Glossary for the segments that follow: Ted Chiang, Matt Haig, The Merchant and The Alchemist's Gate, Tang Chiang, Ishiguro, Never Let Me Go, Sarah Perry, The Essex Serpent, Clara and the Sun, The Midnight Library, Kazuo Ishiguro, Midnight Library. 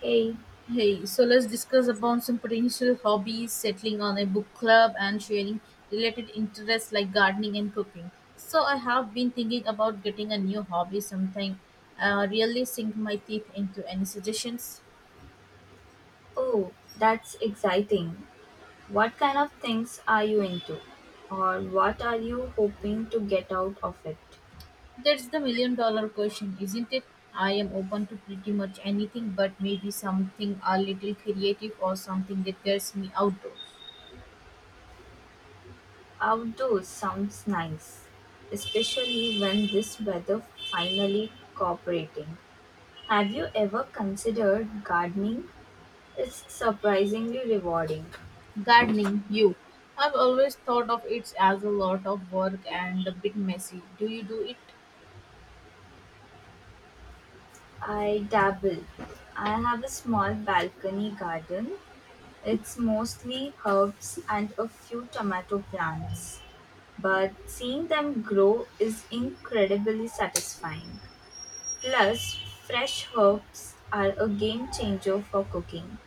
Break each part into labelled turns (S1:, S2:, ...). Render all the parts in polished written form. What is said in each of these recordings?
S1: Hey,
S2: Hey, so let's discuss about some potential hobbies, settling on a book club, and sharing related interests like gardening and cooking. So I have been thinking about getting a new hobby sometime. Really sink my teeth into any suggestions.
S1: oh, that's exciting. What kind of things are you into? Or what are you hoping to get out of it?
S2: That's the million dollar question, isn't it? I am open to pretty much anything, but maybe something a little creative or something that gets me outdoors.
S1: Outdoors sounds nice, especially when this weather finally cooperating. Have you ever considered gardening? It's surprisingly rewarding.
S2: Gardening, you. I've always thought of it as a lot of work and a bit messy. Do you do it?
S1: I dabble. I have a small balcony garden. It's mostly herbs and a few tomato plants, but seeing them grow is incredibly satisfying. Plus, fresh herbs are a game changer for cooking.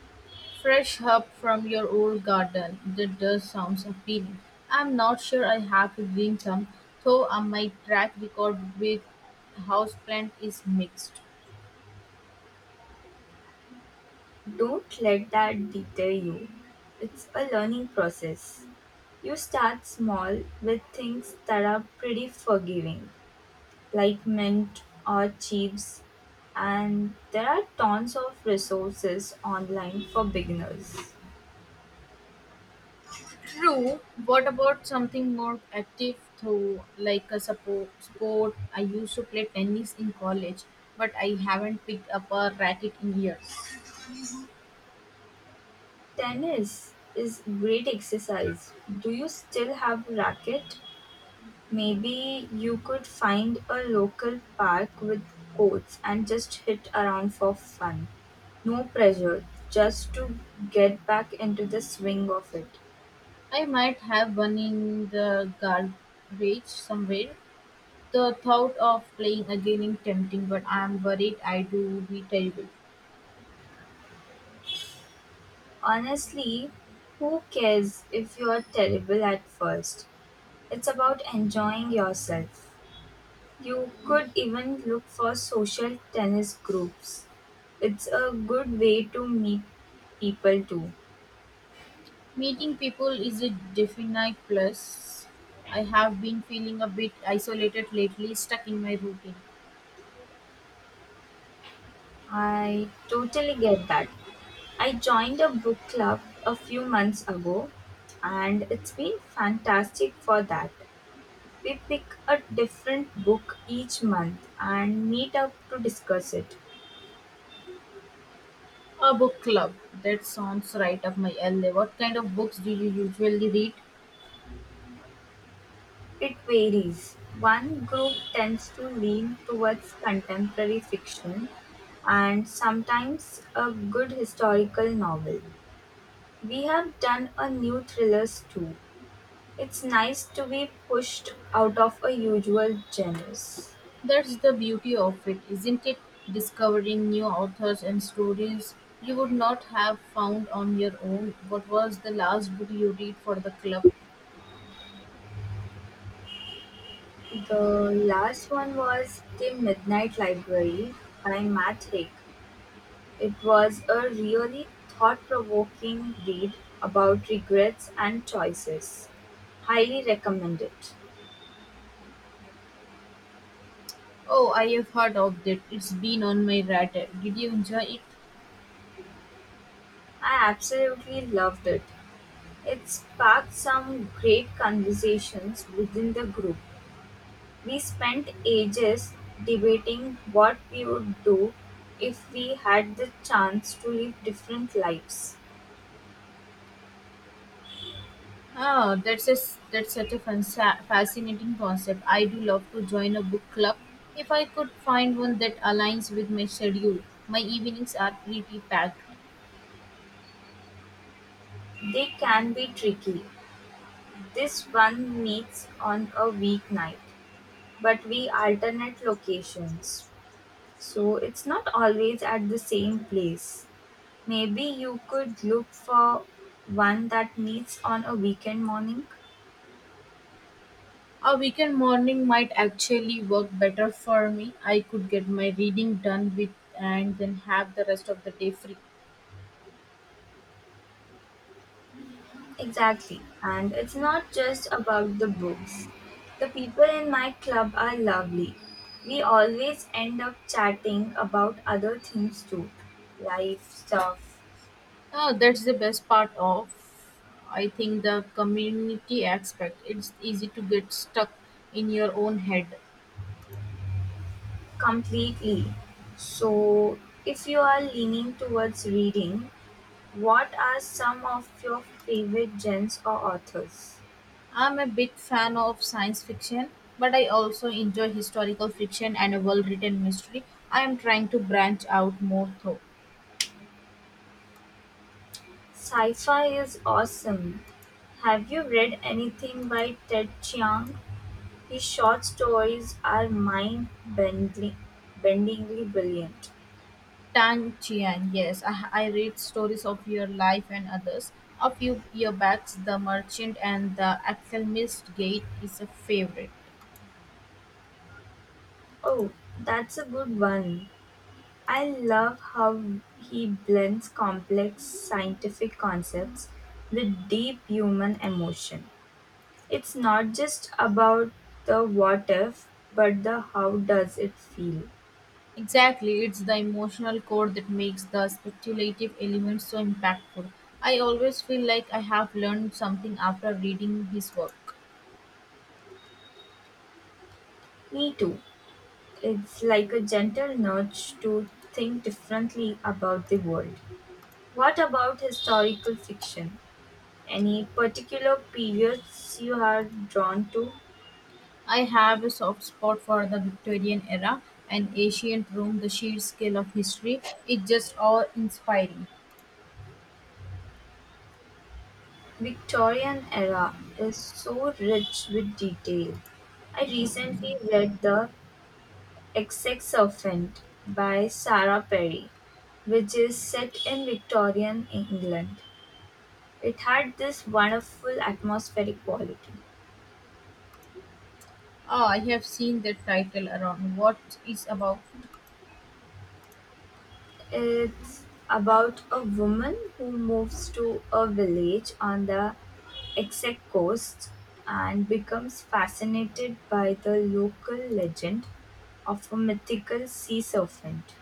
S2: Fresh herb from your old garden. That does sounds appealing. I'm not sure I have a green thumb, though my track record with houseplant is mixed.
S1: Don't let that deter you. It's a learning process. You start small with things that are pretty forgiving, like mint or chives, and there are tons of resources online for beginners.
S2: True. What about something more active, though, like a sport? I used to play tennis in college, but I haven't picked up a racket in years.
S1: Tennis is great exercise. Do you still have a racket? Maybe you could find a local park with courts and just hit around for fun. No pressure, just to get back into the swing of it.
S2: I might have one in the garage somewhere. The thought of playing again is tempting, but I am worried I do be terrible.
S1: Honestly, who cares if you are terrible at first? It's about enjoying yourself. You could even look for social tennis groups. It's a good way to meet people too.
S2: Meeting people is a definite plus. I have been feeling a bit isolated lately, stuck in my routine.
S1: I totally get that. I joined a book club a few months ago and it's been fantastic for that. We pick a different book each month and meet up to discuss it.
S2: A book club. That sounds right up my alley. What kind of books do you usually read?
S1: It varies. One group tends to lean towards contemporary fiction and sometimes a good historical novel. We have done a new thrillers too. It's nice to be pushed out of a usual genres.
S2: That's the beauty of it, isn't it? Discovering new authors and stories you would not have found on your own. What was the last book you read for the club?
S1: The last one was The Midnight Library by Matt Haig. It was a really thought provoking read about regrets and choices. Highly recommend it.
S2: Oh, I have heard of that. It's been on my radar. Did you enjoy it?
S1: I absolutely loved it. It sparked some great conversations within the group. We spent ages debating what we would do if we had the chance to live different lives.
S2: Ah, that's such a fascinating concept. I do love to join a book club. If I could find one that aligns with my schedule, my evenings are pretty packed.
S1: They can be tricky. This one meets on a weeknight, but we alternate locations. So it's not always at the same place. Maybe you could look for one that meets on a weekend morning.
S2: A weekend morning might actually work better for me. I could get my reading done with and then have the rest of the day free.
S1: Exactly. And it's not just about the books. The people in my club are lovely. We always end up chatting about other things too, life stuff,
S2: Oh, that's the best part of, I think, the community aspect. It's easy to get stuck in your own head.
S1: completely. So, if you are leaning towards reading, what are some of your favorite genres or authors?
S2: I'm a big fan of science fiction, but I also enjoy historical fiction and a well written mystery. I am trying to branch out more though.
S1: Sci fi is awesome. Have you read anything by Ted Chiang? His short stories are mind-bendingly brilliant.
S2: Tang Chiang, yes, I read stories of your life and others. A few year back, The Merchant and The Alchemist's Gate is a favorite.
S1: Oh, that's a good one. I love how he blends complex scientific concepts with deep human emotion. It's not just about the what if, but the how does it feel.
S2: Exactly, it's the emotional core that makes the speculative elements so impactful. I always feel like I have learned something after reading his work.
S1: Me too. It's like a gentle nudge to think differently about the world. What about historical fiction? Any particular periods you are drawn to?
S2: I have a soft spot for the Victorian era and ancient Rome, the sheer scale of history. It's just awe inspiring.
S1: Victorian era is so rich with detail. I recently read The Essex Serpent by Sarah Perry, which is set in Victorian England. It had this wonderful atmospheric quality.
S2: Ah, I have seen that title around. What is about?
S1: It's about a woman who moves to a village on the Essex coast and becomes fascinated by the local legend of a mythical sea serpent.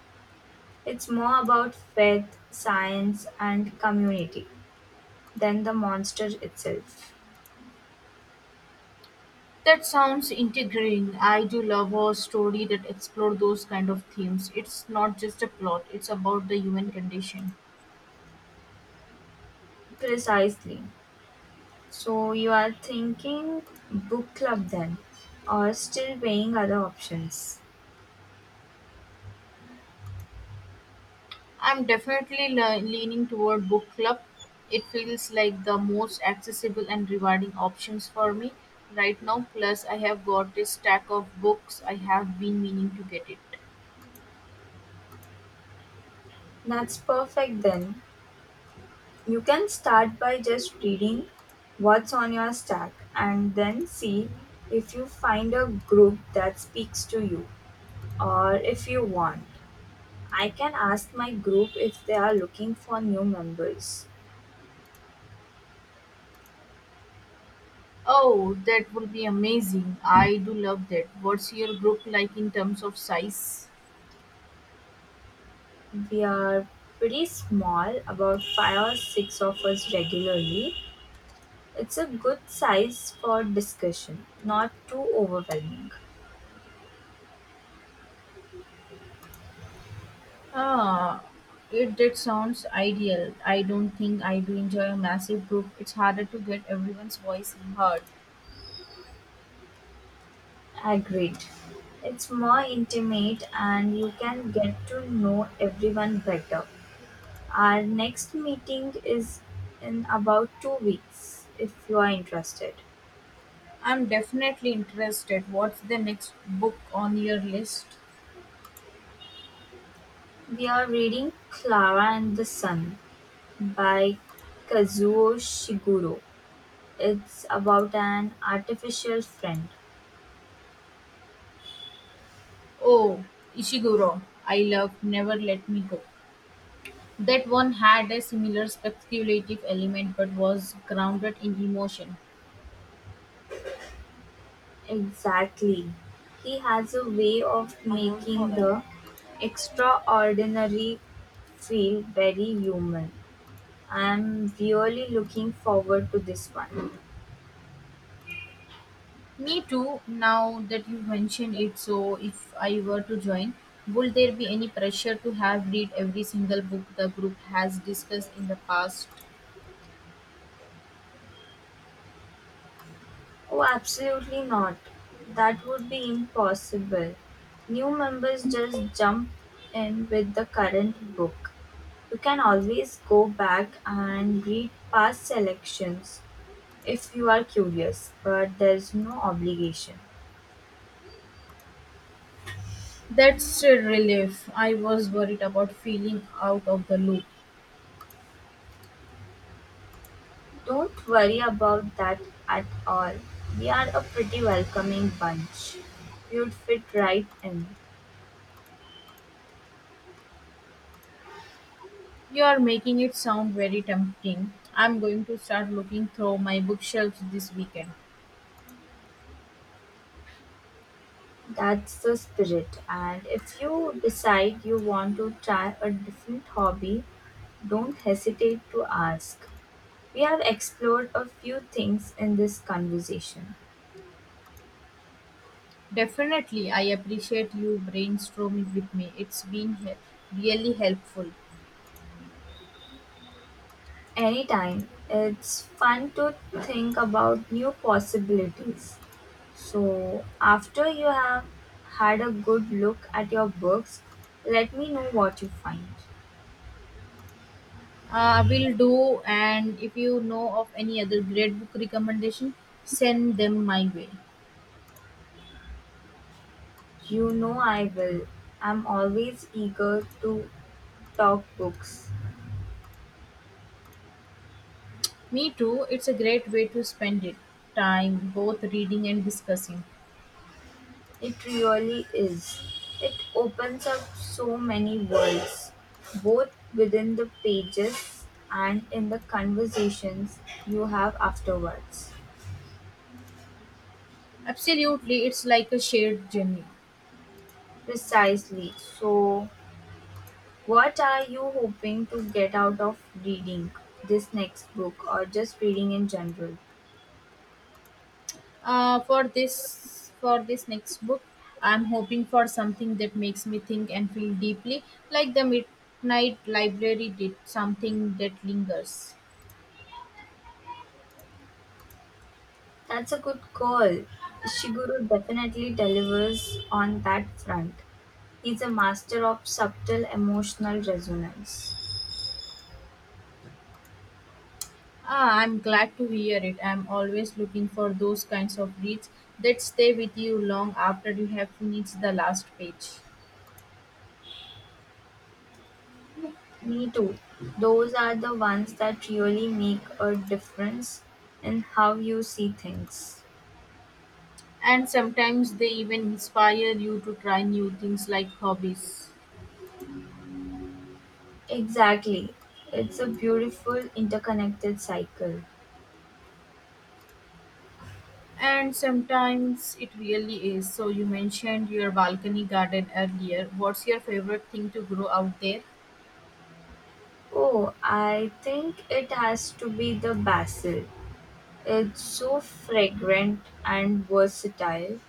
S1: It's more about faith, science, and community than the monster itself.
S2: That sounds integrating. I do love a story that explores those kind of themes. It's not just a plot, it's about the human condition.
S1: Precisely. So you are thinking book club then, or still weighing other options?
S2: I'm definitely leaning toward book club. It feels like the most accessible and rewarding options for me right now. Plus, I have got a stack of books I have been meaning to get it.
S1: That's perfect then. You can start by just reading what's on your stack and then see if you find a group that speaks to you, or if you want, I can ask my group if they are looking for new members.
S2: Oh, that would be amazing. I do love that. What's your group like in terms of size?
S1: We are pretty small, about five or six of us regularly. It's a good size for discussion, not too overwhelming.
S2: Ah, it that sounds ideal. I don't think I do enjoy a massive group. It's harder to get everyone's voice heard.
S1: Agreed. It's more intimate and you can get to know everyone better. Our next meeting is in about 2 weeks if you are interested.
S2: I'm definitely interested. What's the next book on your list?
S1: We are reading Clara and the Sun by Kazuo Shiguro. It's about an artificial friend.
S2: Oh, Ishiguro. I love Never Let Me Go. That one had a similar speculative element but was grounded in emotion.
S1: Exactly. He has a way of making the extraordinary feel very human. I'm really looking forward to this one.
S2: Me too, now that you mention it, so if I were to join, would there be any pressure to have read every single book the group has discussed in the past?
S1: Oh, absolutely not. That would be impossible. New members just jump in with the current book. You can always go back and read past selections if you are curious, but there's no obligation.
S2: That's a relief. I was worried about feeling out of the loop.
S1: Don't worry about that at all. We are a pretty welcoming bunch. You'd fit right in.
S2: You're making it sound very tempting. I'm going to start looking through my bookshelves this weekend.
S1: That's the spirit. And if you decide you want to try a different hobby, don't hesitate to ask. We have explored a few things in this conversation.
S2: Definitely, I appreciate you brainstorming with me. It's been really helpful.
S1: Anytime, it's fun to think about new possibilities. So, after you have had a good look at your books, let me know what you find.
S2: Will do, and if you know of any other great book recommendation, send them my way.
S1: You know I will. I'm always eager to talk books.
S2: Me too, it's a great way to spend it time both reading and discussing.
S1: It really is. It opens up so many worlds, both within the pages and in the conversations you have afterwards.
S2: Absolutely, it's like a shared journey.
S1: Precisely. So, what are you hoping to get out of reading this next book or just reading in general?
S2: For this next book, I'm hoping for something that makes me think and feel deeply, like the Midnight Library did, something that lingers.
S1: That's a good call. Ishiguro definitely delivers on that front. He's a master of subtle emotional resonance.
S2: Ah, I'm glad to hear it. I'm always looking for those kinds of reads that stay with you long after you have finished the last page.
S1: Me too. Those are the ones that really make a difference in how you see things.
S2: And sometimes they even inspire you to try new things like hobbies.
S1: Exactly. It's a beautiful interconnected cycle.
S2: And sometimes it really is. So, you mentioned your balcony garden earlier. What's your favorite thing to grow out there?
S1: Oh, I think it has to be the basil. It's so fragrant and versatile.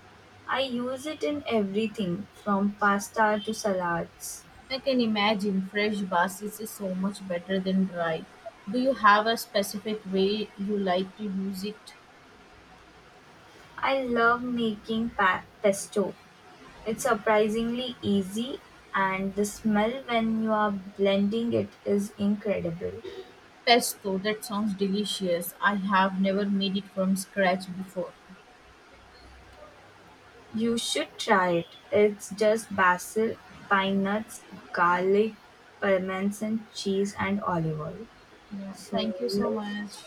S1: I use it in everything from pasta to salads.
S2: I can imagine fresh basil is so much better than dry. Do you have a specific way you like to use it?
S1: I love making pesto. It's surprisingly easy and the smell when you are blending it is incredible.
S2: Pesto, that sounds delicious. I have never made it from scratch before.
S1: You should try it. It's just basil, pine nuts, garlic, parmesan cheese and olive oil.
S2: Yeah,
S1: So
S2: thank you so
S1: yes.
S2: much.